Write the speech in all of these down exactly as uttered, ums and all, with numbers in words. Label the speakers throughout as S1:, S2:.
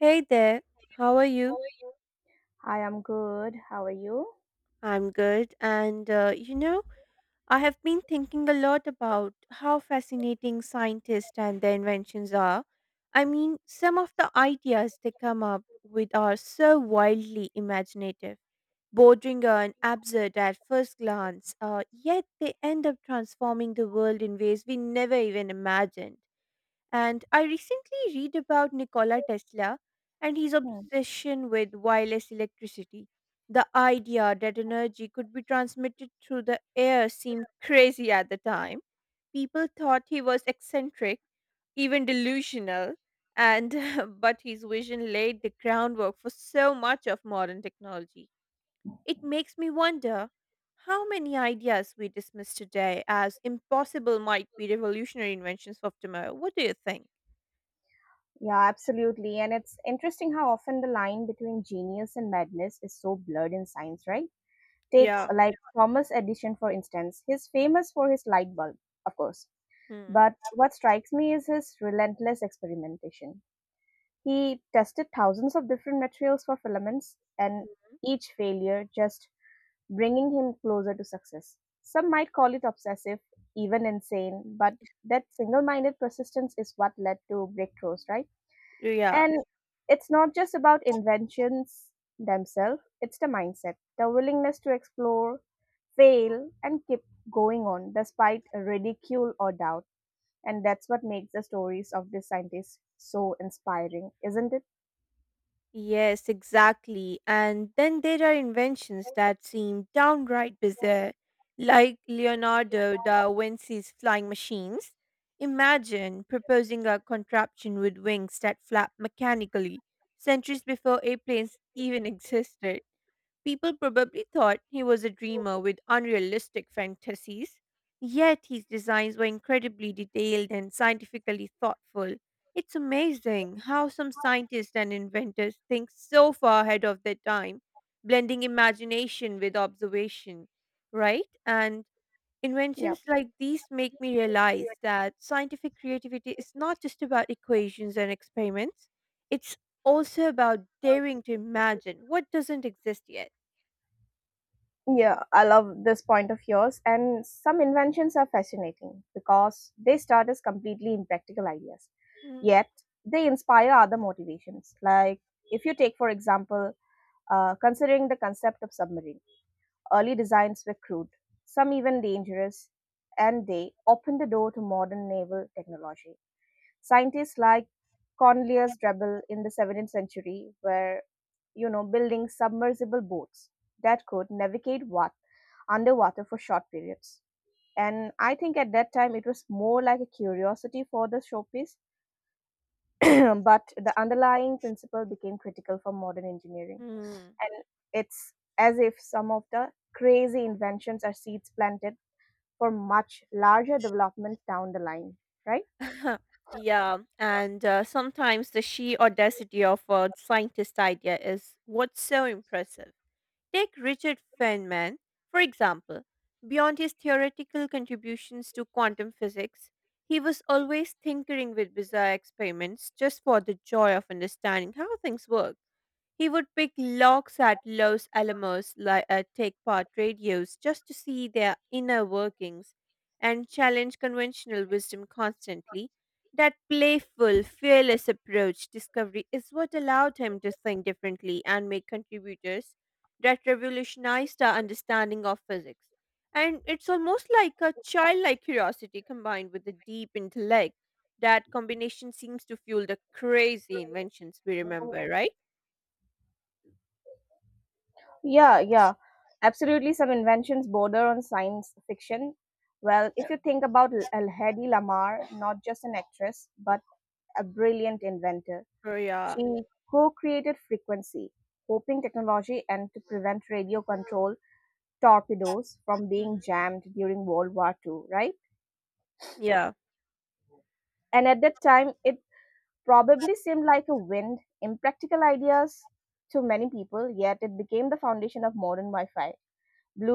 S1: Hey there, how are you?
S2: I am good. How are you?
S1: I'm good, and uh, you know, I have been thinking a lot about how fascinating scientists and their inventions are. I mean, some of the ideas they come up with are so wildly imaginative, bordering on absurd at first glance, uh, yet they end up transforming the world in ways we never even imagined. And I recently read about Nikola Tesla and his
S2: Hmm.
S1: obsession with wireless electricity. The idea that energy could be transmitted through the air seemed crazy at the time. People thought he was eccentric, even delusional, and but his vision laid the groundwork for so much of modern technology. It makes me wonder how many ideas we dismiss today as impossible might be revolutionary inventions of tomorrow. What do you think?
S2: Yeah, absolutely. And it's interesting how often the line between genius and madness is so blurred in science, right? Take
S1: Yeah.
S2: uh, like Thomas Edison, for instance. He's famous for his light bulb, of course.
S1: Hmm.
S2: But what strikes me is his relentless experimentation. He tested thousands of different materials for filaments, and each failure just bringing him closer to success. Some might call it obsessive, even insane, but that single minded persistence is what led to breakthroughs, right?
S1: Yeah.
S2: And it's not just about inventions themselves, it's the mindset, the willingness to explore, fail, and keep going on despite ridicule or doubt. And that's what makes the stories of these scientists so inspiring, isn't it?
S1: Yes, exactly. And then there are inventions that seem downright bizarre, like Leonardo da Vinci's flying machines. Imagine proposing a contraption with wings that flap mechanically, centuries before airplanes even existed. People probably thought he was a dreamer with unrealistic fantasies, yet his designs were incredibly detailed and scientifically thoughtful. It's amazing how some scientists and inventors think so far ahead of their time, blending imagination with observation, right? And
S2: Yeah.
S1: inventions like these make me realize that scientific creativity is not just about equations and experiments, it's also about daring to imagine what doesn't exist yet.
S2: Yeah, I love this point of yours. And some inventions are fascinating because they start as completely impractical ideas, yet they inspire other motivations. Like if you take, for example, uh, considering the concept of submarine, early designs were crude, some even dangerous, and they opened the door to modern naval technology. Scientists like Cornelius Drebbel in the seventeenth century were, you know, building submersible boats that could navigate what underwater for short periods. And I think at that time it was more like a curiosity for the showpiece, but the underlying principle became critical for modern engineering.
S1: Mhm.
S2: And it's as if some of the crazy inventions are seeds planted for much larger development down the line, right?
S1: Yeah, and uh, sometimes the sheer audacity of a scientist idea is what's so impressive. Take Richard Feynman, for example. Beyond his theoretical contributions to quantum physics, he was always tinkering with bizarre experiments just for the joy of understanding how things work. He would pick locks at Los Alamos li- uh, tech part radios just to see their inner workings and challenge conventional wisdom constantly. That playful, fearless approach discovery is what allowed him to think differently and make contributors that revolutionized our understanding of physics. And it's almost like a childlike curiosity combined with a deep intellect. That combination seems to fuel the crazy inventions we remember, right?
S2: Yeah, yeah. Absolutely, some inventions border on science fiction. Well, if you think about L- Hedy Lamarr, not just an actress, but a brilliant inventor. She
S1: Korea.
S2: co-created Frequency, hoping technology and to prevent radio control torpedoes from being
S1: Mhm.
S2: jammed during World War two, right?
S1: Yeah.
S2: And at that time, it probably seemed like a wind, impractical ideas to many people, yet it became the foundation of modern Wi Fi,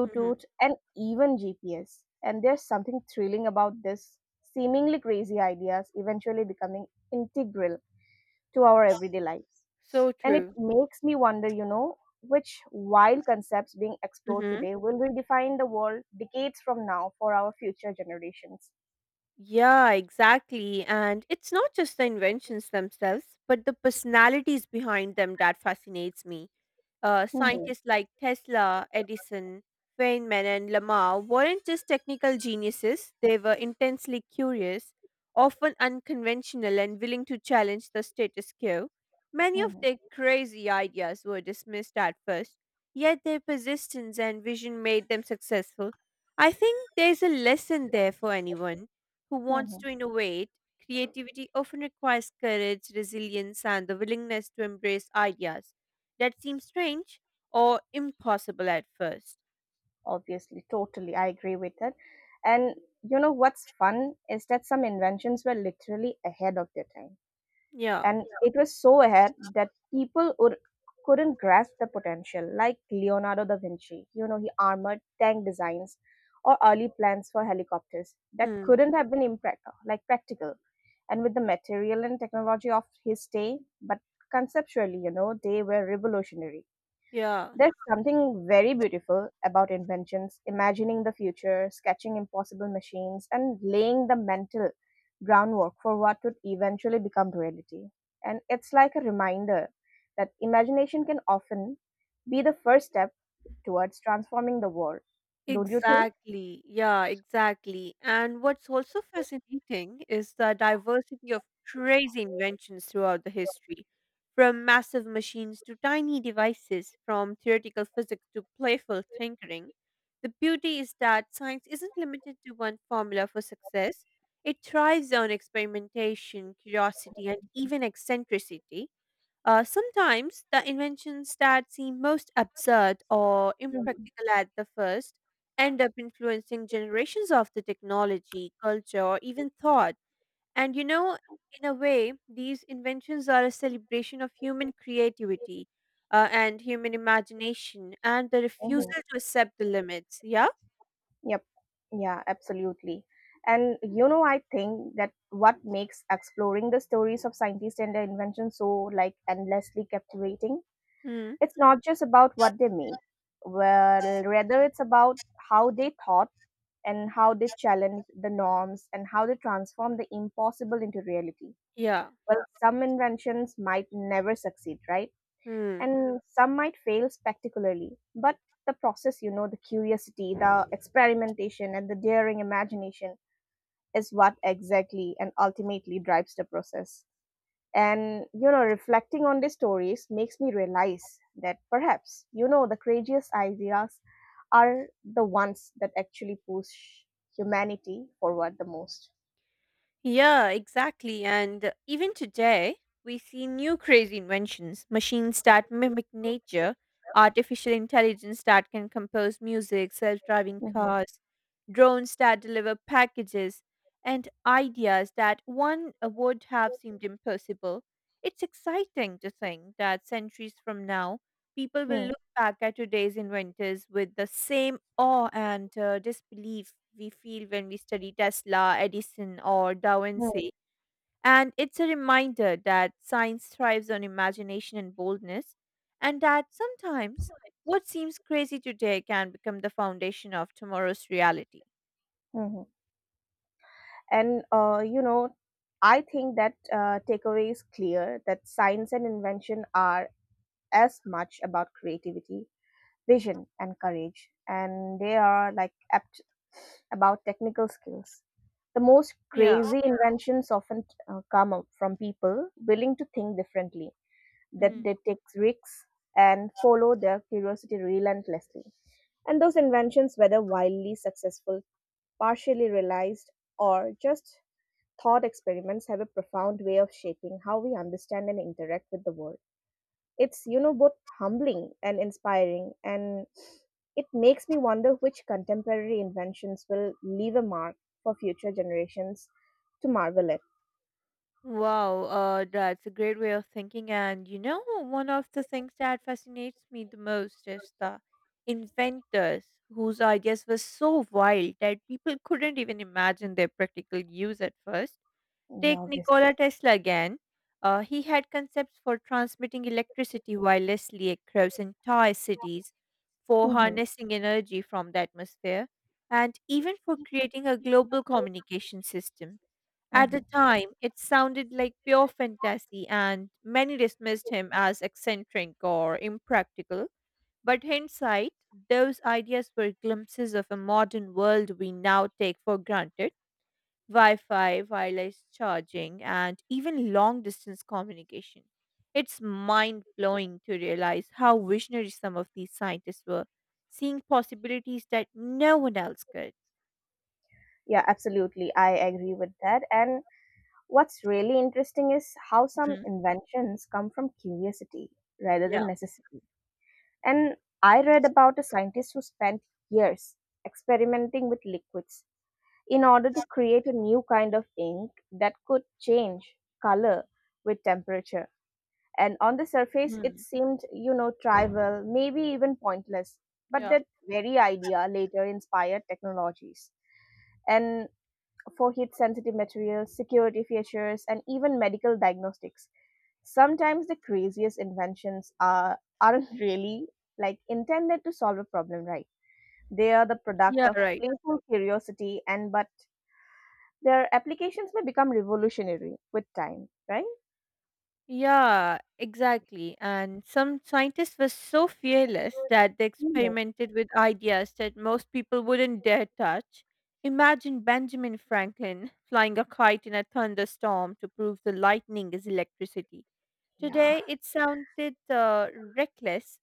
S1: Mhm.
S2: and even G P S. And there's something thrilling about this seemingly crazy ideas eventually becoming integral to our everyday lives.
S1: So
S2: And it
S1: true.
S2: makes me wonder, you know, which wild concepts being explored
S1: Mhm.
S2: today will redefine the world decades from now for our future generations.
S1: Yeah, exactly. And it's not just the inventions themselves, but the personalities behind them that fascinates me. Uh,
S2: Hmm.
S1: scientists like Tesla, Edison, Feynman, and Lamar weren't just technical geniuses, they were intensely curious, often unconventional, and willing to challenge the status quo. Many of
S2: Hmm.
S1: their crazy ideas were dismissed at first, yet their persistence and vision made them successful. I think there's a lesson there for anyone who wants
S2: Hmm.
S1: to innovate. Creativity often requires courage, resilience, and the willingness to embrace ideas that seems strange or impossible at first.
S2: Obviously, totally. I agree with that. And you know what's fun is that some inventions were literally ahead of their time,
S1: Yeah.
S2: and it was so ahead that people would, couldn't grasp the potential. Like Leonardo da Vinci, you know, he armored tank designs or early plans for helicopters that
S1: Hmm.
S2: couldn't have been impractical, like practical, and with the material and technology of his day, but conceptually, you know, they were revolutionary.
S1: Yeah.
S2: There's something very beautiful about inventions, imagining the future, sketching impossible machines, and laying the mental groundwork for what would eventually become reality. And it's like a reminder that imagination can often be the first step towards transforming the world. Don't you think?
S1: Exactly. Yeah, exactly. And what's also fascinating is the diversity of crazy inventions throughout the history, from massive machines to tiny devices, from theoretical physics to playful tinkering. The beauty is that science isn't limited to one formula for success. It thrives on experimentation, curiosity, and even eccentricity. Uh, sometimes the inventions that seem most absurd or
S2: Mhm.
S1: impractical at the first end up influencing generations of the technology, culture, or even thought. And you know, in a way, these inventions are a celebration of human creativity uh, and human imagination and the
S2: Mhm.
S1: refusal to accept the limits. Yeah?
S2: Yep. Yeah, absolutely. And you know, I think that what makes exploring the stories of scientists and their inventions so like endlessly captivating,
S1: Hmm.
S2: it's not just about what they made. Well, rather it's about how they thought and how they challenged the norms and how they transformed the impossible into reality.
S1: Yeah.
S2: Well, some inventions might never succeed, right?
S1: Hmm.
S2: And some might fail spectacularly, but the process, you know, the curiosity, the experimentation, and the daring imagination is what exactly and ultimately drives the process. And you know, reflecting on these stories makes me realize that perhaps, you know, the craziest ideas are the ones that actually push humanity forward the most.
S1: Yeah, exactly. And even today, we see new crazy inventions: machines that mimic nature, artificial intelligence that can compose music, self driving
S2: Mhm.
S1: cars, drones that deliver packages, and ideas that one uh, would have seemed impossible. It's exciting to think that centuries from now, people will
S2: Mm,
S1: back at today's inventors with the same awe and uh, disbelief we feel when we study Tesla, Edison, or Da
S2: mm,
S1: Vinci. And it's a reminder that science thrives on imagination and boldness, and that sometimes what seems crazy today can become the foundation of tomorrow's reality.
S2: mhm. And uh, you know, I think that uh, takeaway is clear, that science and invention are as much about creativity, vision, and courage, and they are like apt about technical skills. The most
S1: Yeah.
S2: crazy inventions often uh, come up from people willing to think differently, that
S1: Mm.
S2: they take risks and follow their curiosity relentlessly. And those inventions, whether wildly successful, partially realized, or just thought experiments, have a profound way of shaping how we understand and interact with the world. It's, you know, both humbling and inspiring, and it makes me wonder which contemporary inventions will leave a mark for future generations to marvel at.
S1: Wow, uh, that's a great way of thinking. And you know, one of the things that fascinates me the most is the inventors whose ideas were so wild that people couldn't even imagine their practical use at first.
S2: Yeah,
S1: Take
S2: obviously.
S1: Nikola Tesla again. Uh, he had concepts for transmitting electricity wirelessly across entire cities, for
S2: Hmm.
S1: harnessing energy from the atmosphere, and even for creating a global communication system. At the
S2: Hmm.
S1: time, it sounded like pure fantasy, and many dismissed him as eccentric or impractical. But hindsight, those ideas were glimpses of a modern world we now take for granted: Wi Fi, wireless charging, and even long distance communication. It's mind blowing to realize how visionary some of these scientists were, seeing possibilities that no one else could.
S2: Yeah, absolutely. I agree with that. And what's really interesting is how some
S1: Mhm.
S2: inventions come from curiosity rather
S1: Yeah.
S2: than necessity. And I read about a scientist who spent years experimenting with liquids in order to create a new kind of ink that could change color with temperature. And on the surface, it
S1: Mm.
S2: seemed, you know, trivial, maybe even pointless. But
S1: Yeah.
S2: that very idea later inspired technologies and for heat sensitive materials, security features, and even medical diagnostics. Sometimes the craziest inventions are aren't really like intended to solve a problem, right? They are the product
S1: Yeah,
S2: of
S1: right.
S2: playful curiosity, and but their applications may become revolutionary with time, right?
S1: Yeah, exactly. And some scientists were so fearless that they
S2: Hmm.
S1: experimented with ideas that most people wouldn't dare touch. Imagine Benjamin Franklin flying a kite in a thunderstorm to prove the lightning is electricity.
S2: Yeah.
S1: Today, it sounded uh, reckless,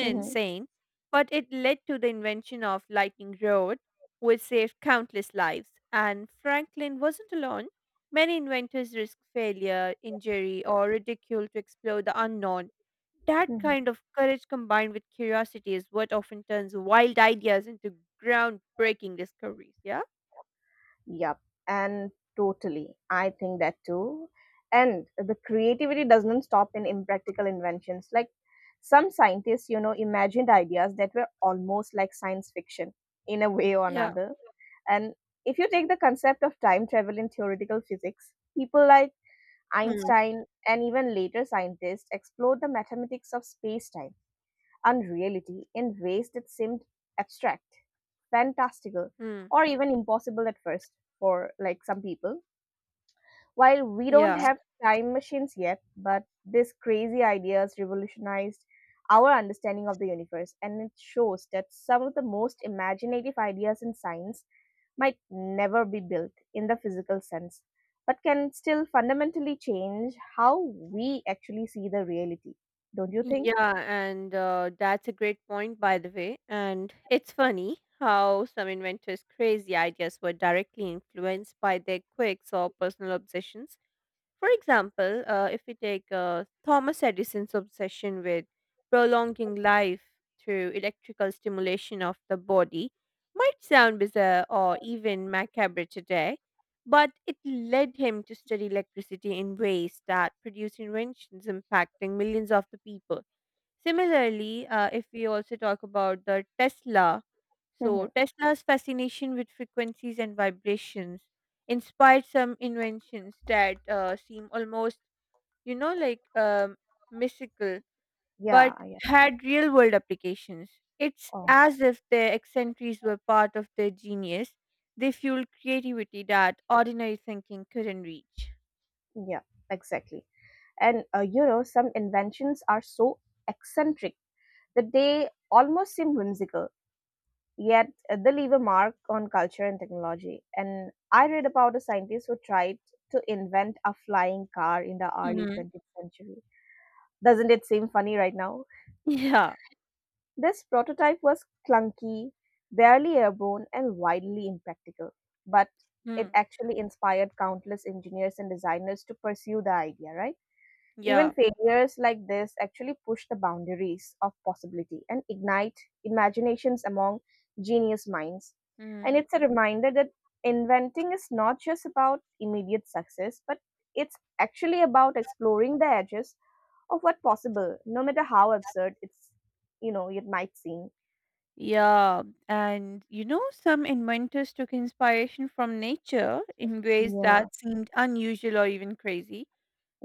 S2: Hmm.
S1: insane, but it led to the invention of Lightning Road, which saved countless lives. And Franklin wasn't alone. Many inventors risked failure, injury, or ridicule to explore the unknown. That
S2: Hmm.
S1: kind of courage combined with curiosity is what often turns wild ideas into groundbreaking discoveries. Yeah?
S2: Yep, and totally. I think that too. And the creativity doesn't stop in impractical inventions. Like some scientists, you know, imagined ideas that were almost like science fiction in a way or
S1: Yeah.
S2: another. And if you take the concept of time travel in theoretical physics, people like
S1: Mm.
S2: Einstein and even later scientists explored the mathematics of space time and reality in ways that seemed abstract, fantastical,
S1: Mm.
S2: or even impossible at first for like some people. While we don't
S1: Yeah.
S2: have time machines yet, but these crazy ideas revolutionized our understanding of the universe, and it shows that some of the most imaginative ideas in science might never be built in the physical sense, but can still fundamentally change how we actually see the reality. Don't you think?
S1: Yeah, and uh, that's a great point, by the way. And it's funny how some inventors' crazy ideas were directly influenced by their quirks or personal obsessions. For example, uh, if we take uh, Thomas Edison's obsession with prolonging life through electrical stimulation of the body, might sound bizarre or even macabre today, but it led him to study electricity in ways that produced inventions impacting millions of the people. Similarly, uh, if we also talk about the Tesla, so
S2: Mm-hmm.
S1: Tesla's fascination with frequencies and vibrations inspired some inventions that uh, seem almost, you know, like um, mystical,
S2: Yeah,
S1: but
S2: yeah,
S1: had real world applications. It's
S2: oh,
S1: as if their eccentricities were part of their genius. They fueled creativity that ordinary thinking couldn't reach.
S2: yeah, exactly. And uh, you know, some inventions are so eccentric that they almost seem whimsical, yet uh, they leave a mark on culture and technology. And I read about a scientist who tried to invent a flying car in the early
S1: Hmm.
S2: twentieth century. Doesn't it seem funny right now?
S1: Yeah.
S2: This prototype was clunky, barely airborne, and wildly impractical, but it
S1: Mm.
S2: actually inspired countless engineers and designers to pursue the idea, right? Even
S1: Yeah.
S2: failures like this actually push the boundaries of possibility and ignite imaginations among genius minds. And
S1: Mhm.
S2: it's a reminder that inventing is not just about immediate success, but it's actually about exploring the edges of what possible, no matter how absurd it's, you know, it might seem.
S1: Yeah, and you know, some inventors took inspiration from nature in ways, Mhm,
S2: Yeah.
S1: that seemed unusual or even crazy.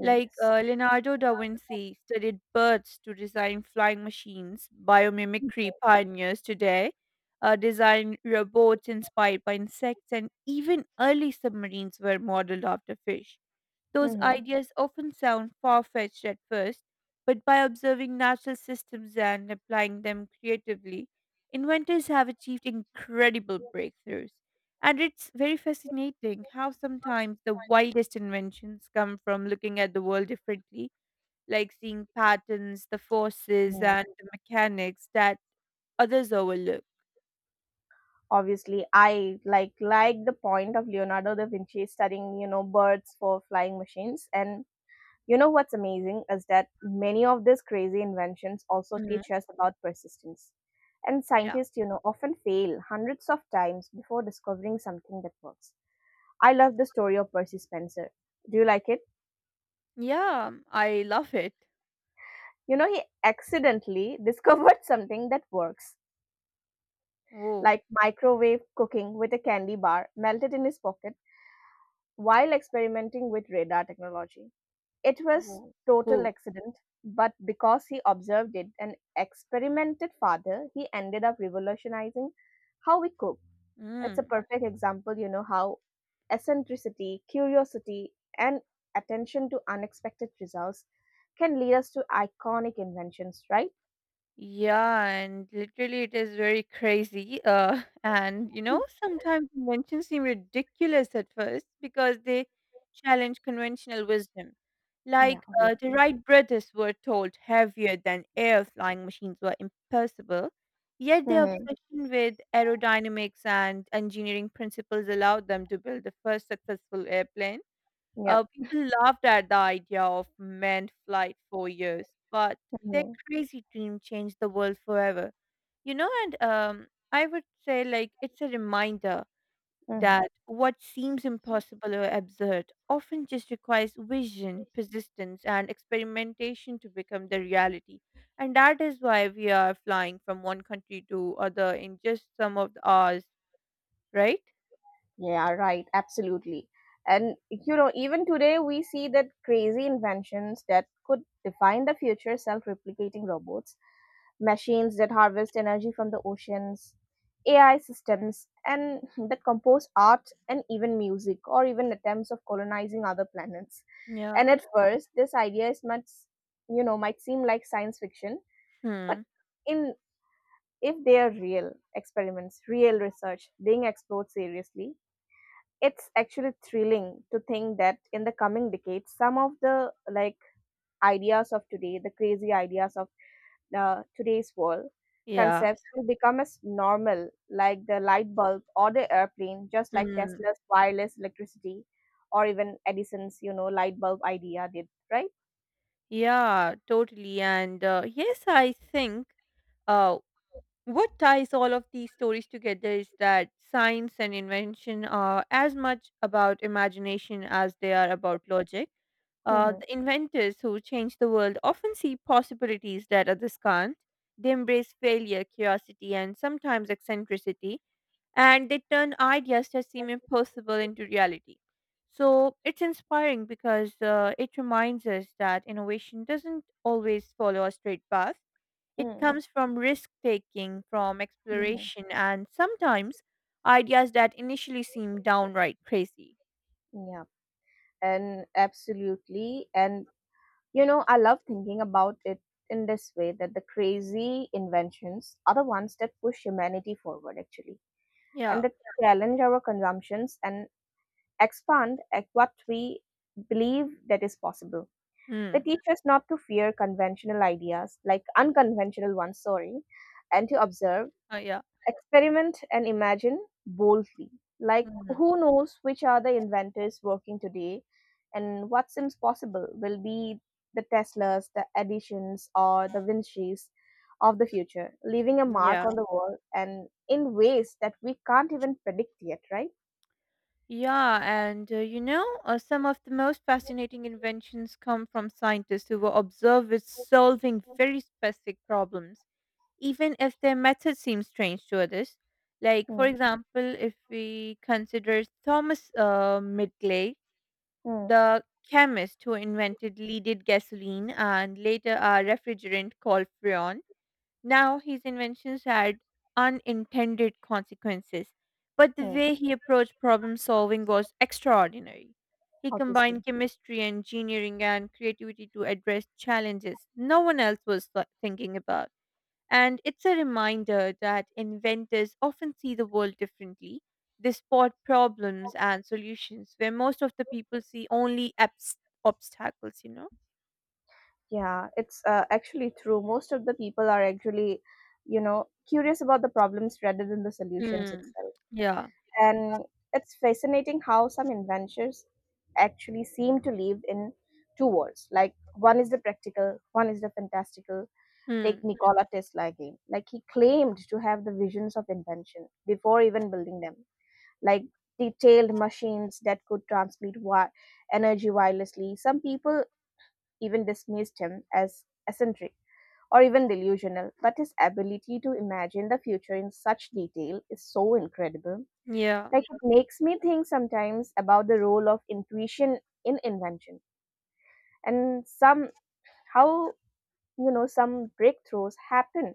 S1: Like uh, Leonardo da Vinci studied birds to design flying machines, biomimicry pioneers today uh, design robots inspired by insects, and even early submarines were modeled after fish. Those
S2: Mm-hmm.
S1: ideas often sound far fetched at first, but by observing natural systems and applying them creatively, inventors have achieved incredible breakthroughs. And it's very fascinating how sometimes the wildest inventions come from looking at the world differently, like seeing patterns, the forces, and
S2: Mm.
S1: the mechanics that others overlook.
S2: Obviously, I like like the point of Leonardo da Vinci studying, you know, birds for flying machines. And you know what's amazing is that many of these crazy inventions also
S1: Mhm.
S2: teach us about persistence. And
S1: Yeah.
S2: scientists, you know, often fail hundreds of times before discovering something that works. I love the story of Percy Spencer. Do you like it?
S1: Yeah, I love it.
S2: You know, he accidentally discovered something that works,
S1: Oh,
S2: like microwave cooking with a candy bar melted in his pocket while experimenting with radar technology. It was
S1: oh
S2: total
S1: cool.
S2: accident, but because he observed it and experimented further, he ended up revolutionizing how we cook. It's a
S1: Mm.
S2: perfect example, you know, how eccentricity, curiosity, and attention to unexpected results can lead us to iconic inventions, right?
S1: Yeah, and literally it is very crazy. Uh, and you know, sometimes inventions seem ridiculous at first because they challenge conventional wisdom.
S2: Yeah,
S1: Like uh, the
S2: obviously.
S1: Wright brothers were told heavier than air flying machines were impossible, yet their
S2: Mm-hmm.
S1: obsession with aerodynamics and engineering principles allowed them to build the first successful airplane. Uh,
S2: Yep.
S1: people laughed at the idea of manned flight for years, but their
S2: Mm-hmm.
S1: crazy dream changed the world forever. You know, and um, I would say like it's a reminder that what seems impossible or absurd often just requires vision, persistence, and experimentation to become the reality. And that is why we are flying from one country to other in just some of the hours, right?
S2: Yeah, right. Absolutely. And, you know, even today we see that crazy inventions that could define the future, self replicating robots, machines that harvest energy from the oceans, A I systems, and that compose art and even music, or even attempts of colonizing other planets.
S1: Yeah.
S2: And at first, this idea is much, you know, might seem like science fiction, but
S1: Hmm.
S2: in, if they are real experiments, real research being explored seriously, it's actually thrilling to think that in the coming decades some of the like ideas of today, the crazy ideas of uh, today's world
S1: Yeah.
S2: concepts will become as normal like the light bulb or the airplane, just like
S1: Hmm.
S2: Tesla's wireless electricity or even Edison's, you know, light bulb idea did, right?
S1: Yeah, totally. And uh, yes, I think uh, what ties all of these stories together is that science and invention are as much about imagination as they are about logic. Uh,
S2: Mm-hmm.
S1: the inventors who change the world often see possibilities that others can't. They embrace failure, curiosity, and sometimes eccentricity and they turn ideas that seem impossible into reality. So it's inspiring because uh, it reminds us that innovation doesn't always follow a straight path. It
S2: Mm-hmm.
S1: comes from risk taking, from exploration, and sometimes ideas that initially seem downright crazy.
S2: Yeah, and absolutely. And you know, I love thinking about it in this way, that the crazy inventions are the ones that push humanity forward, actually, and
S1: Yeah.
S2: that challenge our consumptions and expand at what we believe that is possible. They
S1: Hmm.
S2: teach us not to fear conventional ideas, like unconventional ones, sorry, and to observe,
S1: Uh, yeah.
S2: experiment, and imagine boldly. Like,
S1: Mhm.
S2: who knows which are the inventors working today and what seems possible will be the Teslas, the Edisons, or the Vincis of the future, leaving a mark
S1: Yeah.
S2: on the world and in ways that we can't even predict yet, right?
S1: Yeah, and uh, you know, uh, some of the most fascinating inventions come from scientists who were observed with solving very specific problems even if their method seems strange to others. Like, for
S2: Hmm,
S1: example, if we consider Thomas uh, Midgley,
S2: hmm,
S1: the chemist who invented leaded gasoline and later a refrigerant called Freon, now his inventions had unintended consequences. But the
S2: hmm,
S1: way he approached problem solving was extraordinary. He combined
S2: obviously.
S1: chemistry, engineering, and creativity to address challenges no one else was th- thinking about. And it's a reminder that inventors often see the world differently. They spot problems and solutions where most of the people see only abs- obstacles, you know?
S2: Yeah, it's uh, actually true. Most of the people are actually, you know, curious about the problems rather than the solutions
S1: Hmm.
S2: itself.
S1: Yeah.
S2: And it's fascinating how some inventions actually seem to live in two worlds. Like one is the practical, one is the fantastical. Take
S1: Hmm.
S2: Nikola Tesla again. Like he claimed to have the visions of invention before even building them. Like detailed machines that could transmit wi- energy wirelessly. Some people even dismissed him as eccentric or even delusional, but his ability to imagine the future in such detail is so incredible.
S1: Yeah.
S2: Like it makes me think sometimes about the role of intuition in invention and some how you know some breakthroughs happen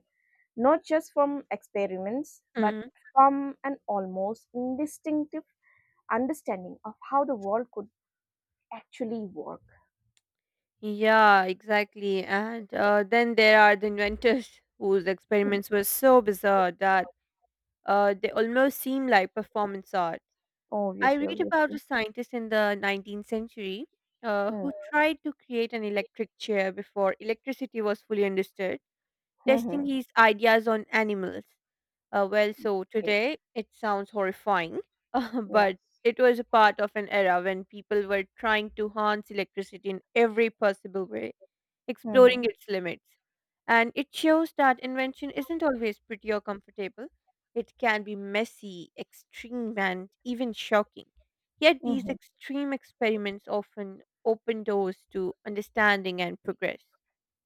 S2: not just from experiments but
S1: Mm.
S2: from an almost instinctive understanding of how the world could actually work.
S1: Yeah, exactly. And uh, then there are the inventors whose
S2: Mm.
S1: experiments were so bizarre that uh, they almost seem like performance art. I
S2: Obviously,
S1: read about
S2: obviously.
S1: a scientist in the nineteenth century uh,
S2: Hmm.
S1: who tried to create an electric chair before electricity was fully understood, testing
S2: Mm-hmm.
S1: his ideas on animals. Uh, well, so today it sounds horrifying, uh,
S2: Yeah.
S1: but it was a part of an era when people were trying to harness electricity in every possible way exploring
S2: Mm-hmm.
S1: its limits. And it shows that invention isn't always pretty or comfortable. It can be messy, extreme, and even shocking. Yet these
S2: Mm-hmm.
S1: extreme experiments often open doors to understanding and progress.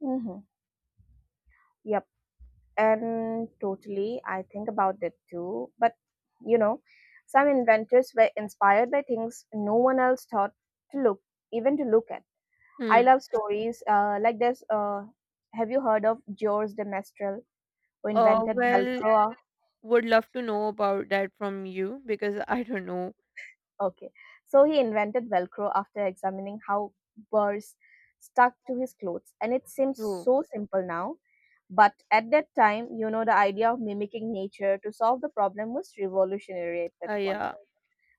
S2: Mm-hmm. Yep. And totally, I think about that too. But you know, some inventors were inspired by things no one else thought to look, even to look at. I
S1: Hmm.
S2: love stories uh, like this. Uh, have you heard of Georges de Mestral, who
S1: Uh,
S2: invented
S1: well,
S2: Velcro?
S1: would love to know about that from you because I don't know.
S2: Okay. So he invented Velcro after examining how burrs stuck to his clothes. And it seems
S1: Oh,
S2: so simple now. But at that time, you know, the idea of mimicking nature to solve the problem was revolutionary at that
S1: uh,
S2: point.
S1: yeah.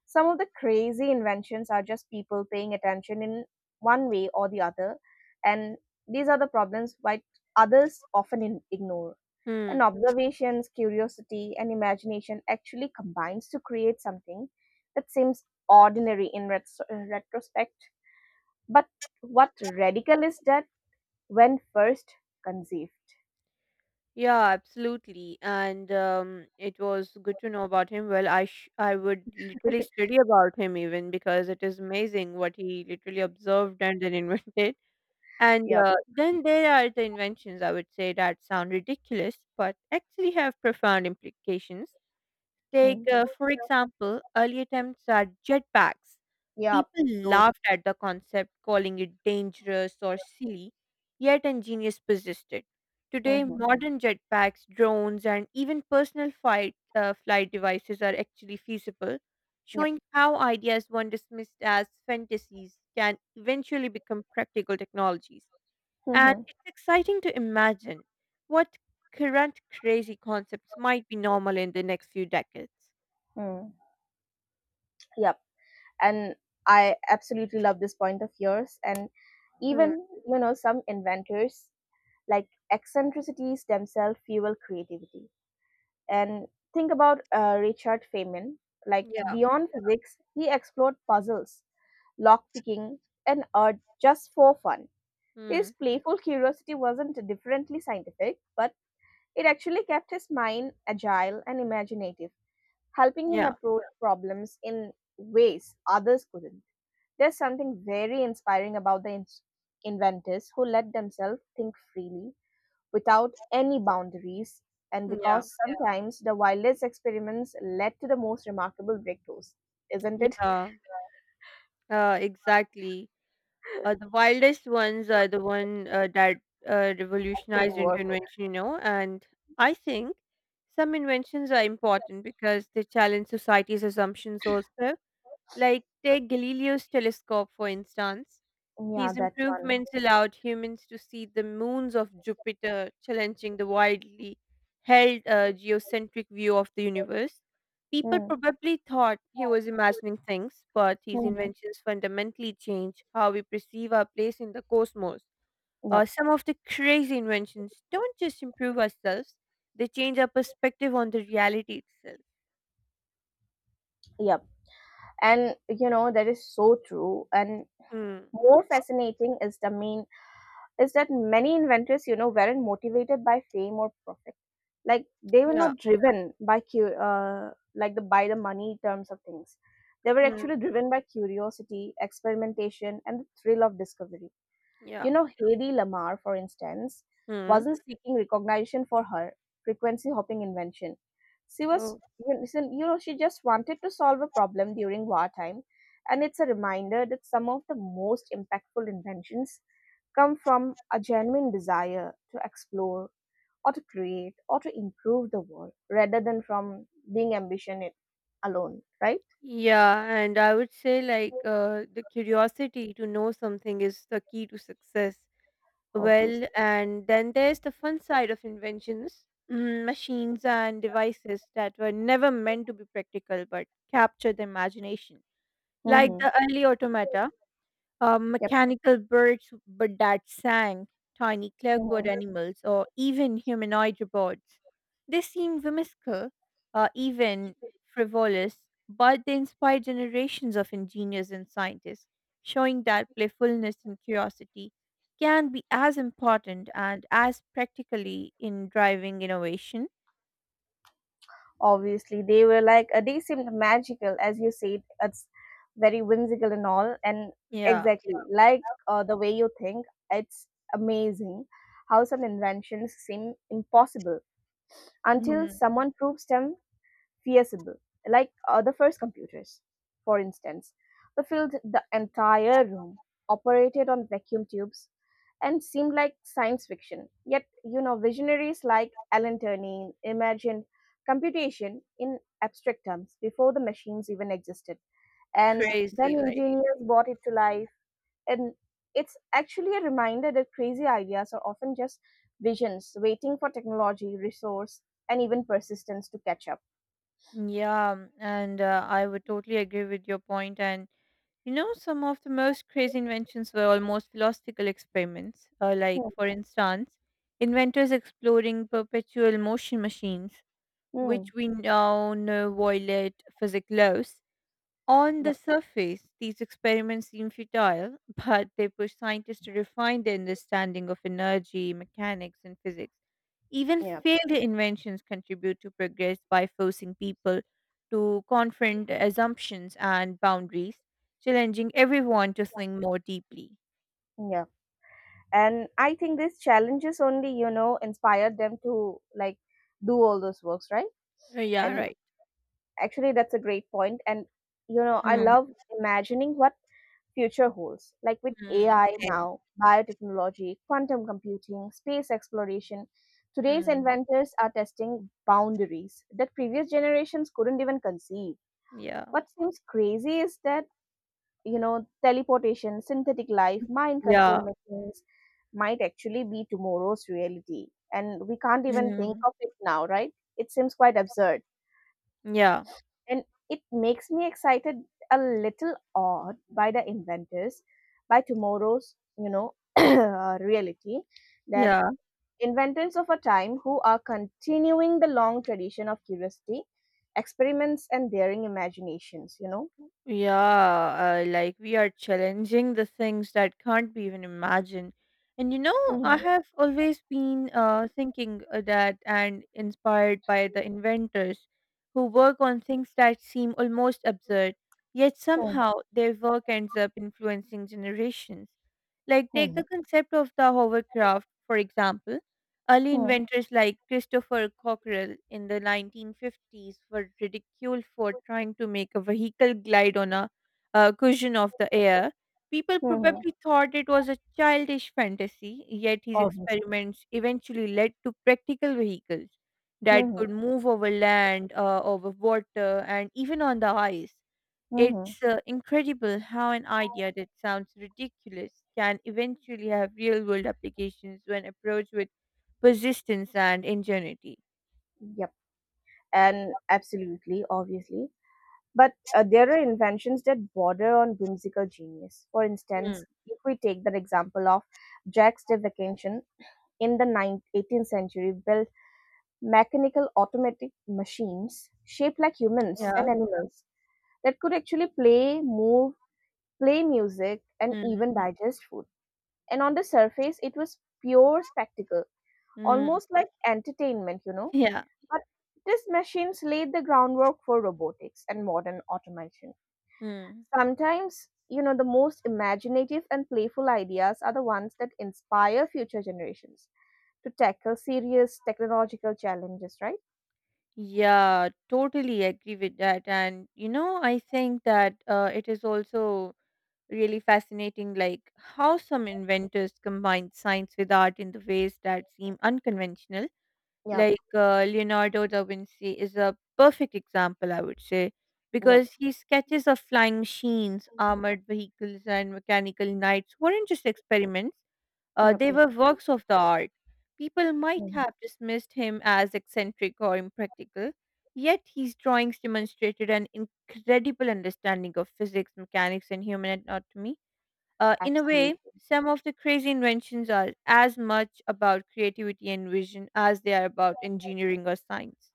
S2: Some of the crazy inventions are just people paying attention in one way or the other. And these are the problems why others often in- ignore. And
S1: Hmm.
S2: observations, curiosity, and imagination actually combines to create something that seems ordinary in retro- uh, retrospect. But what radical is that when first conceived?
S1: Yeah, absolutely. And um, it was good to know about him. Well, I sh- I would literally study about him even because it is amazing what he literally observed and then invented. And
S2: Yep.
S1: uh, then there are the inventions I would say that sound ridiculous but actually have profound implications. Take,
S2: Mm.
S1: uh, for example, early attempts at jetpacks.
S2: Yep.
S1: People
S2: Those.
S1: laughed at the concept, calling it dangerous or silly, yet engineers persisted. Today,
S2: Mm-hmm.
S1: modern jetpacks, drones, and even personal flight, uh, flight devices are actually feasible,
S2: Yep.
S1: showing how ideas once dismissed as fantasies can eventually become practical technologies. And
S2: Hmm.
S1: it's exciting to imagine what current crazy concepts might be normal in the next few decades.
S2: Mm. Yep. And I absolutely love this point of yours. And
S1: Mm,
S2: even, you know, some inventors like eccentricities themselves fuel creativity. And think about uh, Richard Feynman. Like
S1: yeah,
S2: beyond physics, he explored puzzles, lock picking, and art just for fun. His
S1: mm,
S2: playful curiosity wasn't differently scientific, but it actually kept his mind agile and imaginative, helping him
S1: yeah,
S2: approach problems in ways others couldn't. There's something very inspiring about the ins- inventors who let themselves think freely without any boundaries, and
S1: yeah,
S2: because yeah, sometimes the wildest experiments led to the most remarkable breakthroughs, isn't it?
S1: yeah, uh, exactly. Uh, the wildest ones are the one uh, that uh,
S2: Actually
S1: revolutionized
S2: worth it.
S1: intervention, you know. And I think some inventions are important because they challenge society's assumptions also. Like, take Galileo's telescope, for instance.
S2: Yeah,
S1: His
S2: that one.
S1: improvements allowed humans to see the moons of Jupiter, challenging the widely held uh, geocentric view of the universe. People
S2: Mm,
S1: probably thought he was imagining things, but his
S2: mhm.
S1: inventions fundamentally change how we perceive our place in the cosmos. Uh,
S2: Yep,
S1: some of the crazy inventions don't just improve ourselves, they change our perspective on the reality itself.
S2: yep. And you know that is so true. And
S1: Hmm.
S2: more fascinating is the main is that many inventors, you know, weren't motivated by fame or profit. Like they were
S1: Yeah.
S2: not driven by cu- uh, like the by the money terms of things. They were
S1: Hmm.
S2: actually driven by curiosity, experimentation, and the thrill of discovery.
S1: Yeah.
S2: you know Hedy Lamarr, for instance,
S1: Hmm.
S2: wasn't seeking recognition for her frequency hopping invention. She was
S1: Oh.
S2: you listen, you know she just wanted to solve a problem during wartime. And it's a reminder that some of the most impactful inventions come from a genuine desire to explore or to create or to improve the world rather than from being ambition it alone, right?
S1: Yeah, and I would say like uh, the curiosity to know something is the key to success. Well,
S2: Obviously.
S1: and then there's the fun side of inventions, mm, machines and devices that were never meant to be practical but capture the imagination, like
S2: Mm-hmm.
S1: the early automata uh,
S2: Yep.
S1: mechanical birds but that sang, tiny clockwork
S2: Hmm.
S1: animals, or even humanoid robots. They seem whimsical, uh, even frivolous, but they inspired generations of engineers and scientists, showing that playfulness and curiosity can be as important and as practically in driving innovation.
S2: Obviously, they were like uh, they seemed magical, as you said. It's very whimsical and all, and
S1: Yeah,
S2: exactly like uh, the way you think. It's amazing how some inventions seem impossible until
S1: mhm,
S2: someone proves them feasible, like uh, the first computers, for instance, that filled the entire room, operated on vacuum tubes, and seemed like science fiction. Yet, you know, visionaries like Alan Turing imagined computation in abstract terms before the machines even existed. And then
S1: crazy, like.
S2: engineers brought it to life. And it's actually a reminder that crazy ideas are often just visions waiting for technology, resource, and even persistence to catch up.
S1: Yeah, and uh, I would totally agree with your point. And you know, some of the most crazy inventions were almost philosophical experiments, uh, like,
S2: Hmm.
S1: for instance, inventors exploring perpetual motion machines,
S2: Hmm.
S1: which we now know violate physics laws. On the
S2: Yep.
S1: surface, these experiments seem futile, but they push scientists to refine their understanding of energy, mechanics, and physics. Even
S2: Yeah,
S1: failed inventions contribute to progress by forcing people to confront assumptions and boundaries, challenging everyone to think more deeply.
S2: yeah, and I think these challenges only you know inspired them to like do all those works, right?
S1: Uh, yeah,
S2: And
S1: right.
S2: actually that's a great point point. And you know I
S1: Mm,
S2: love imagining what future holds like with
S1: mm,
S2: AI
S1: same.
S2: now, biotechnology, quantum computing, space exploration. Today's
S1: Mm,
S2: inventors are testing boundaries that previous generations couldn't even conceive.
S1: yeah.
S2: What seems crazy is that you know, teleportation, synthetic life, mind
S1: Yeah.
S2: control machines might actually be tomorrow's reality. And we can't even think
S1: Mm,
S2: of it now, right? It seems quite absurd.
S1: yeah.
S2: And it makes me excited, a little awed by the inventors, by tomorrow's, you know, uh, reality, that
S1: Yeah.
S2: inventors of a time who are continuing the long tradition of curiosity, experiments, and daring imaginations, you know?
S1: Yeah, uh, like we are challenging the things that can't be even imagined. And you know, I
S2: Mm-hmm.
S1: have always been uh, thinking uh, that and inspired by the inventors who work on things that seem almost absurd, yet
S2: Hmm.
S1: somehow their work ends up influencing generations. Like, take the
S2: Hmm.
S1: concept of the hovercraft, for example. Early
S2: Hmm.
S1: inventors like Christopher Cockerell in the nineteen fifties were ridiculed for trying to make a vehicle glide on a uh, cushion of the air. People
S2: Hmm.
S1: probably thought it was a childish fantasy, yet his
S2: Obviously.
S1: experiments eventually led to practical vehicles that
S2: Mhm,
S1: could move over land, uh, over water, and even on the ice.
S2: mhm.
S1: It's uh, incredible how an idea that sounds ridiculous can eventually have real world applications when approached with persistence and ingenuity.
S2: Yep. And absolutely, obviously. But uh, there are inventions that border on whimsical genius. For
S1: Mm.
S2: instance, if we take the example of Jacques de Vacation in the ninth, eighteenth century, built mechanical automatic machines shaped like humans
S1: Yeah.
S2: and animals that could actually play, move, play music, and
S1: Mm.
S2: even digest food. And on the surface, it was pure spectacle,
S1: Mm.
S2: almost like entertainment, you know.
S1: Yeah.
S2: But these machines laid the groundwork for robotics and modern automation.
S1: Mm.
S2: Sometimes, you know, the most imaginative and playful ideas are the ones that inspire future generations to tackle serious technological challenges, right?
S1: Yeah, totally agree with that. And, you know, I think that uh, it is also really fascinating, like how some inventors combined science with art in the ways that seem unconventional.
S2: Yep,
S1: Like uh, Leonardo da Vinci is a perfect example, I would say,
S2: yep,
S1: because his sketches of flying machines, armored vehicles, and mechanical knights weren't just experiments. Uh,
S2: yep,
S1: they
S2: yep.
S1: were works of the art. People might
S2: Mhm.
S1: have dismissed him as eccentric or impractical, yet his drawings demonstrated an incredible understanding of physics, mechanics, and human anatomy. Uh, in a way,
S2: Absolutely.
S1: some of the crazy inventions are as much about creativity and vision as they are about engineering or science.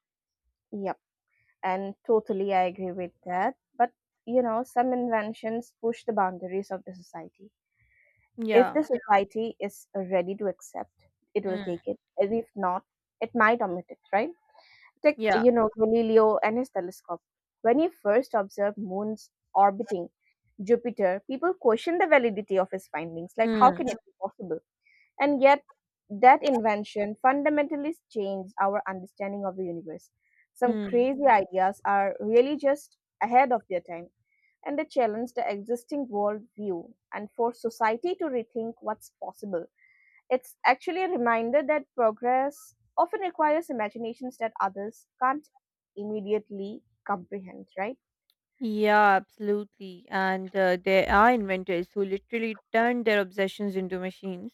S2: Yep. And totally I agree with that. But, you know, some inventions push the boundaries of the society. If
S1: Yeah.
S2: the society is ready to accept, it will take
S1: Mm.
S2: it. And if not, it might omit it, right? Take,
S1: Yeah.
S2: you know, Galileo and his telescope. When he first observed moons orbiting Jupiter, people questioned the validity of his findings. Like, how
S1: Hmm.
S2: can it be possible? And yet, that invention fundamentally changed our understanding of the universe. Some
S1: Hmm.
S2: crazy ideas are really just ahead of their time, and they challenge the existing worldview and force society to rethink what's possible. It's actually a reminder that progress often requires imaginations that others can't immediately comprehend, right?
S1: Yeah, absolutely. And uh, there are inventors who literally turned their obsessions into machines.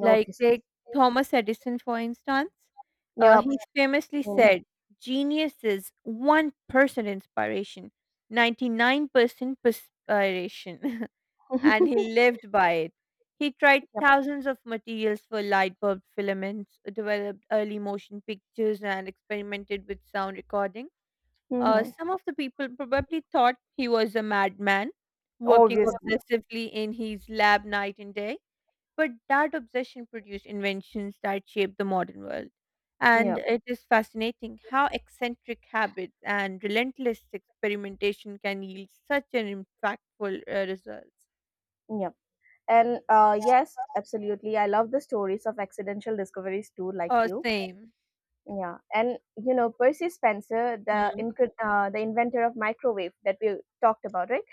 S1: Like, take Thomas Edison, for instance. Uh, he
S2: Yep.
S1: Yeah. famously
S2: Mm.
S1: said, Genius is one percent inspiration, ninety-nine percent perspiration. And he lived by it. He tried
S2: Yep.
S1: thousands of materials for light bulb filaments, developed early motion pictures, and experimented with sound recording. Uh,
S2: Hmm.
S1: some of the people probably thought he was a madman, working
S2: Obviously.
S1: obsessively in his lab night and day. But that obsession produced inventions that shaped the modern world. And
S2: Yep.
S1: it is fascinating how eccentric habits and relentless experimentation can yield such an impactful uh, results.
S2: Yep. And uh, yes, absolutely. I love the stories of accidental discoveries too, like
S1: Oh,
S2: you.
S1: same.
S2: Yeah, and you know Percy Spencer, the
S1: Mm.
S2: incre- uh, the inventor of microwave that we talked about, right?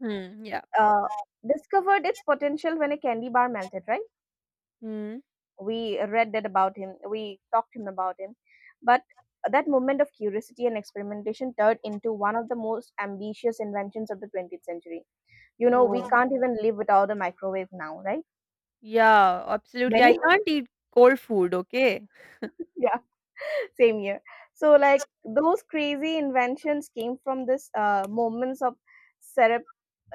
S1: Mm, yeah.
S2: Uh, Discovered its potential when a candy bar melted, right?
S1: Mm.
S2: We read that about him, we talked to him about him, but that movement of curiosity and experimentation turned into one of the most ambitious inventions of the twentieth century. You know we
S1: Oh,
S2: can't even live without a microwave now, right?
S1: yeah, absolutely. I
S2: Many
S1: can't eat cold food, okay?
S2: yeah, same year. So like those crazy inventions came from this uh, moments of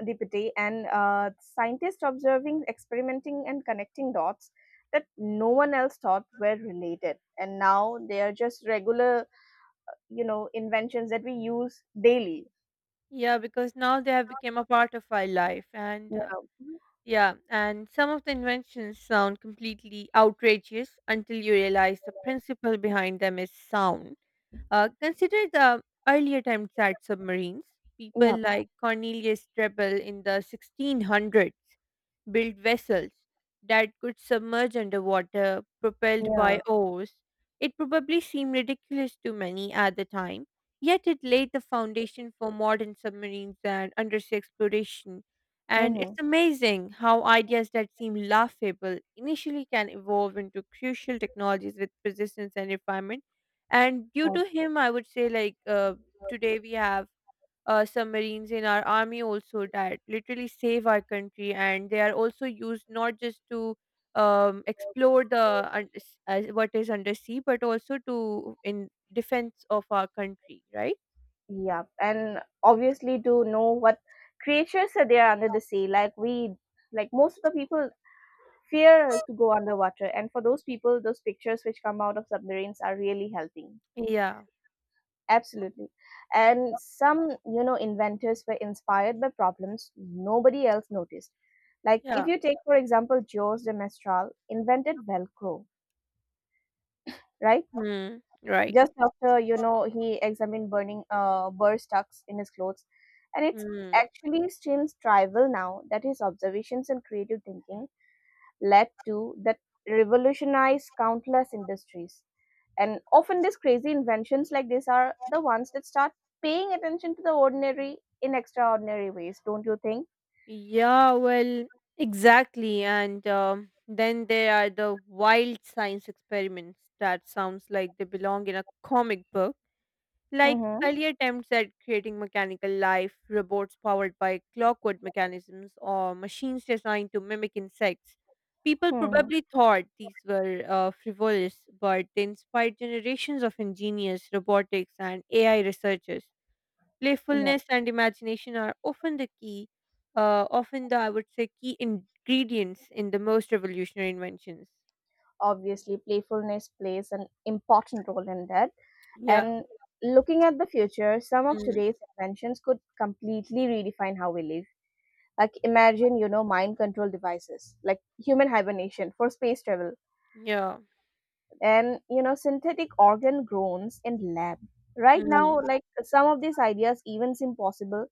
S2: serendipity and uh, scientists observing, experimenting, and connecting dots that no one else thought were related, and now they are just regular, you know, inventions that we use daily.
S1: Yeah, because now they have become a part of our life and
S2: Yeah.
S1: uh, yeah. And some of the inventions sound completely outrageous until you realize the principle behind them is sound. Uh, consider the early attempts at submarines. People
S2: Yeah.
S1: like Cornelius Drebbel in the sixteen hundreds built vessels that could submerge underwater, propelled
S2: Yeah.
S1: by oars. It probably seemed ridiculous to many at the time, yet it laid the foundation for modern submarines and undersea exploration. And
S2: Mm-hmm.
S1: it's amazing how ideas that seem laughable initially can evolve into crucial technologies with persistence and refinement. And due
S2: Oh,
S1: to him, I would say, like, uh, today we have uh, submarines in our army also that literally save our country, and they are also used not just to um, explore the un- s- as what is undersea, but also to in defense of our country, right?
S2: yep. And obviously to know what creatures are there under the sea. Like we like most of the people fear to go underwater. And for those people, those pictures which come out of submarines are really helping.
S1: Yeah,
S2: Absolutely. And some, you know, inventors were inspired by problems nobody else noticed. Like if
S1: yeah.
S2: you take, for example, Georges de Mestral invented Velcro, right?
S1: Hmm. Right.
S2: Just after you know he examined burning uh, burr tucks in his clothes. And it's
S1: Hmm.
S2: actually seems trivial now that his observations and creative thinking led to that revolutionized countless industries. And often these crazy inventions like this are the ones that start paying attention to the ordinary in extraordinary ways, don't you think?
S1: Yeah, well, exactly. And um, then there are the wild science experiments that sounds like they belong in a comic book. Like
S2: Mm-hmm.
S1: early attempts at creating mechanical life, robots powered by clockwork mechanisms or machines designed to mimic insects, people
S2: Hmm.
S1: probably thought these were uh, frivolous, but they inspired generations of ingenious robotics and A I researchers.
S2: Yeah.
S1: Playfulness and imagination are often the key, uh, often the, I would say, key ingredients in the most revolutionary inventions.
S2: Obviously playfulness plays an important role in that.
S1: Yeah.
S2: And looking at the future, some of
S1: Mm.
S2: today's inventions could completely redefine how we live. Like imagine, you know, mind control devices, like human hibernation for space travel,
S1: Yeah.
S2: and you know, synthetic organ groans in lab. Right
S1: Mm.
S2: now, like some of these ideas even seem possible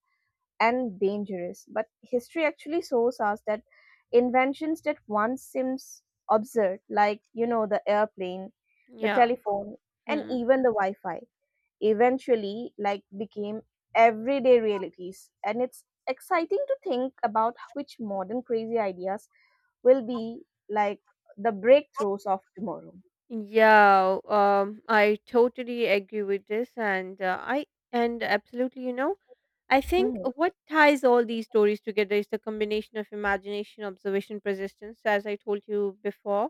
S2: and dangerous, but history actually shows us that inventions that once seems absurd, like you know, the airplane, the
S1: Yeah.
S2: telephone, and
S1: Mm.
S2: even the Wi-Fi eventually like became everyday realities. And it's exciting to think about which modern crazy ideas will be like the breakthroughs of tomorrow.
S1: Yeah, um, I totally agree with this, and uh, I and absolutely, you know, I think
S2: Hmm.
S1: what ties all these stories together is the combination of imagination, observation, persistence, as I told you before,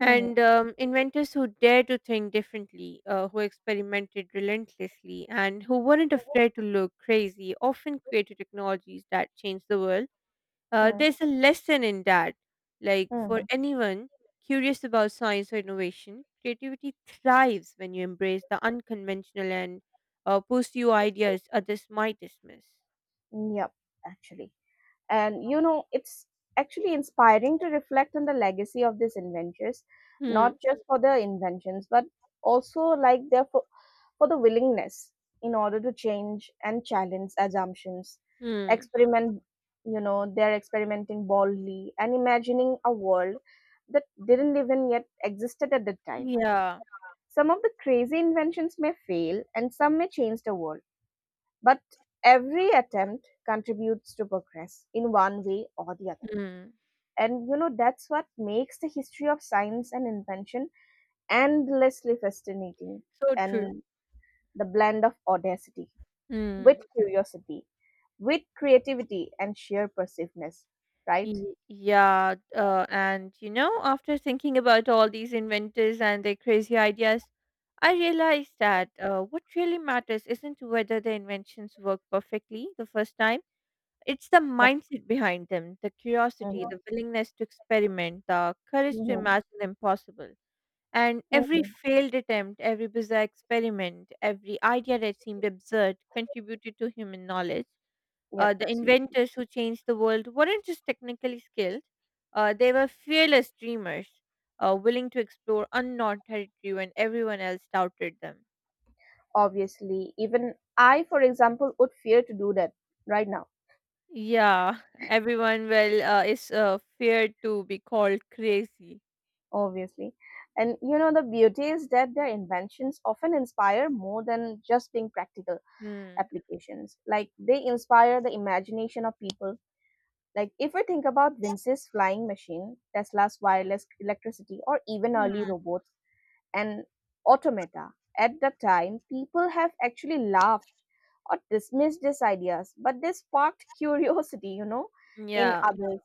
S1: and
S2: Hmm.
S1: um, inventors who dared to think differently, uh, who experimented relentlessly, and who weren't afraid to look crazy, often created technologies that changed the world. uh,
S2: Hmm.
S1: there's a lesson in that. Like for
S2: Hmm.
S1: anyone curious about science or innovation, creativity thrives when you embrace the unconventional and uh, pursue ideas others might dismiss.
S2: Yep. Actually, and you know it's actually inspiring to reflect on the legacy of these inventors,
S1: Hmm.
S2: not just for their inventions but also like their, for the willingness in order to change and challenge assumptions,
S1: Hmm.
S2: experiment. You know they're experimenting boldly and imagining a world that didn't even yet existed at the time.
S1: Yeah,
S2: Some of the crazy inventions may fail and some may change the world, but every attempt contributes to progress in one way or the other.
S1: hmm,
S2: And you know that's what makes the history of science and invention endlessly fascinating.
S1: so true.
S2: And the blend of audacity with
S1: Hmm.
S2: curiosity, with creativity, and sheer persiveness, right?
S1: Y- Yeah, uh, and you know, after thinking about all these inventors and their crazy ideas, I realized that uh, what really matters isn't whether the inventions work perfectly the first time. It's the
S2: Yep.
S1: mindset behind them, the curiosity, the willingness to experiment, the courage to
S2: Hmm.
S1: imagine the impossible. And
S2: Hmm.
S1: every
S2: Hmm.
S1: failed attempt, every bizarre experiment, every idea that seemed absurd contributed to human knowledge. Uh,
S2: Yep,
S1: the
S2: absolutely.
S1: inventors who changed the world weren't just technically skilled, uh, they were fearless dreamers, uh, willing to explore unknown territory when everyone else doubted them.
S2: Obviously, even I, for example, would fear to do that right now,
S1: Yeah, everyone well uh, is uh, feared to be called crazy.
S2: obviously. And you know, the beauty is that their inventions often inspire more than just being practical
S1: Hmm.
S2: applications. Like they inspire the imagination of people. Like if we think about Vince's flying machine, Tesla's wireless electricity, or even early
S1: Hmm,
S2: robots and automata. At the time, people have actually laughed or dismissed these ideas, but they sparked curiosity, you know, in
S1: yeah.
S2: others,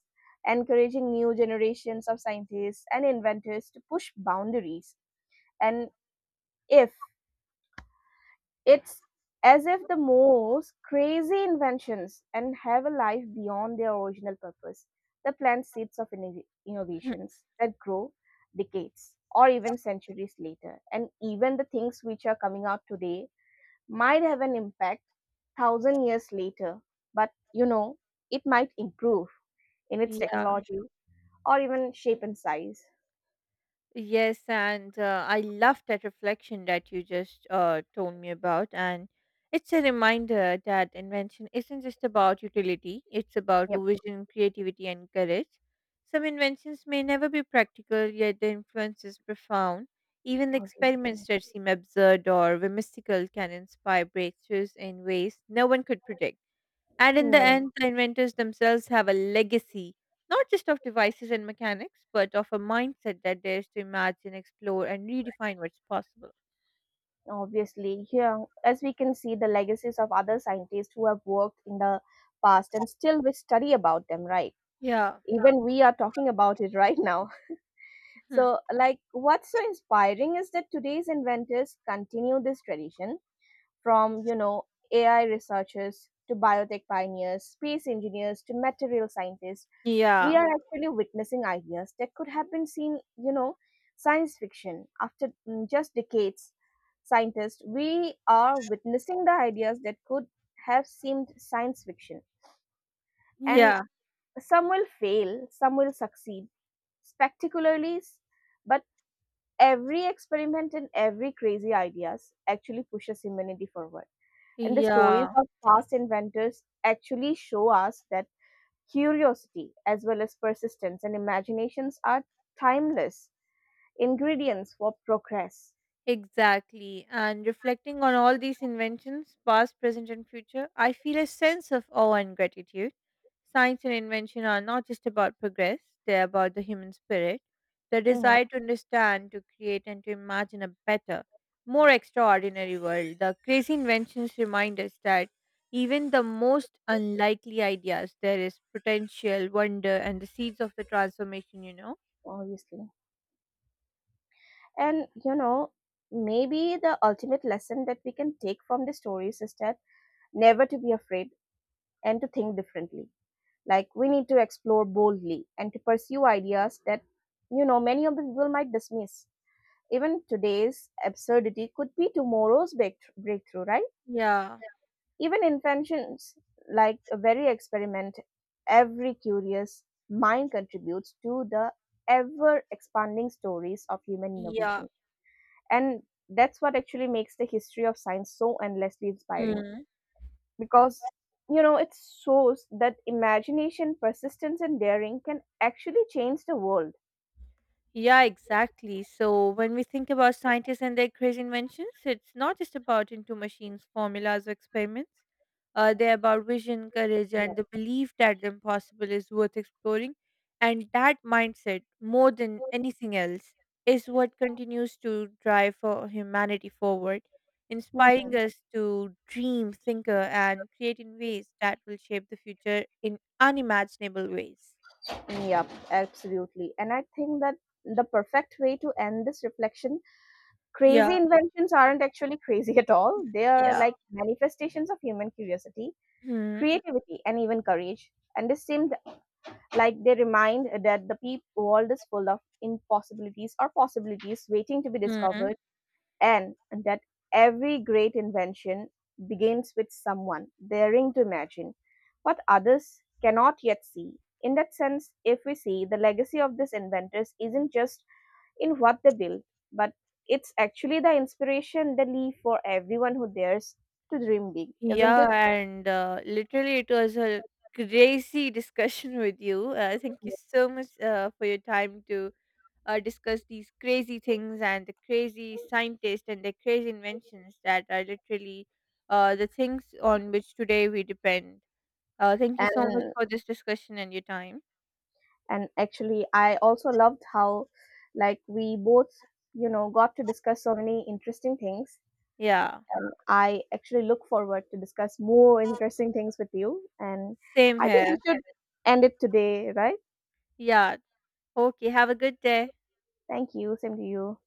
S2: encouraging new generations of scientists and inventors to push boundaries. And if it's as if the most crazy inventions and have a life beyond their original purpose. The plant seeds of innov-
S1: Hmm,
S2: innovations that grow decades or even centuries later, and even the things which are coming out today might have an impact thousand years later. But you know, it might improve in its
S1: yeah.
S2: technology or even shape and size.
S1: Yes, and uh, I love that reflection that you just uh, told me about. And it's a reminder that invention isn't just about utility, it's about
S2: Yep.
S1: vision, creativity, and courage. Some inventions may never be practical, yet their influence is profound. Even the experiments
S2: Obviously.
S1: that seem absurd or whimsical can inspire breakthroughs in ways no one could predict. And in the
S2: No.
S1: end, the inventors themselves have a legacy, not just of devices and mechanics, but of a mindset that dares to imagine, explore, and redefine what's possible.
S2: Obviously, here, as we can see, the legacies of other scientists who have worked in the past and still we study about them, right?
S1: Yeah.
S2: Even we are talking about it right now.
S1: Hmm.
S2: So, like, what's so inspiring is that today's inventors continue this tradition from, you know, A I researchers to biotech pioneers, space engineers to material scientists, we
S1: Yeah.
S2: are actually witnessing ideas that could have been seen, you know, science fiction. After mm, just decades, scientists, we are witnessing the ideas that could have seemed science fiction. And
S1: Yeah.
S2: some will fail, some will succeed spectacularly, s- but every experiment and every crazy ideas actually pushes humanity forward. And the stories
S1: Yeah.
S2: of past inventors actually show us that curiosity, as well as persistence and imaginations, are timeless ingredients for progress.
S1: Exactly. And reflecting on all these inventions, past, present, and future, I feel a sense of awe and gratitude. Science and invention are not just about progress, they're about the human spirit, the
S2: Mhm.
S1: desire to understand, to create, and to imagine a better, more extraordinary world. The crazy inventions remind us that even the most unlikely ideas, there is potential, wonder, and the seeds of the transformation, you know?
S2: Obviously. And, you know, maybe the ultimate lesson that we can take from the stories is that never to be afraid and to think differently. Like, we need to explore boldly and to pursue ideas that, you know, many of the people might dismiss. Even today's absurdity could be tomorrow's break- breakthrough, right?
S1: Yeah.
S2: Even inventions like a very experiment, every curious mind contributes to the ever expanding stories of human
S1: Yeah.
S2: innovation. And that's what actually makes the history of science so endlessly inspiring
S1: Hmm.
S2: because you know it shows that imagination, persistence, and daring can actually change the world.
S1: Yeah, exactly. So when we think about scientists and their crazy inventions, it's not just about into machines, formulas, or experiments. Uh, they're about vision, courage,
S2: Yeah.
S1: and the belief that the impossible is worth exploring. And that mindset, more than anything else, is what continues to drive for humanity forward,
S2: Mm.
S1: inspiring us to dream, thinker, and create in ways that will shape the future in unimaginable ways.
S2: Yep, absolutely. And I think that the perfect way to end this reflection.
S1: Yeah,
S2: Crazy inventions aren't actually crazy at all. They are
S1: yeah.
S2: like manifestations of human curiosity,
S1: Hmm.
S2: creativity, and even courage. And they seem like they remind that the peop world is full of impossibilities or possibilities waiting to be discovered, and that every great invention begins with someone daring to imagine what others cannot yet see. In that sense, if we see the legacy of these inventors isn't just in what they build, but it's actually the inspiration they leave for everyone who dares to dream big, isn't
S1: Yeah,
S2: it?
S1: and uh, literally, it was a crazy discussion with you. Uh, thank you so much uh, for your time to uh, discuss these crazy things and the crazy scientists and the crazy inventions that are literally uh, the things on which today we depend. Uh, thank you so much
S2: And
S1: for this discussion and your time.
S2: and actually, I also loved how, like, we both, you know, got to discuss so many interesting things.
S1: Yeah,
S2: Um, I actually look forward to discuss more interesting things with you, and
S1: same
S2: I think
S1: here.
S2: we should end it today, right?
S1: Yeah, okay, have a good day.
S2: Thank you. Same to you.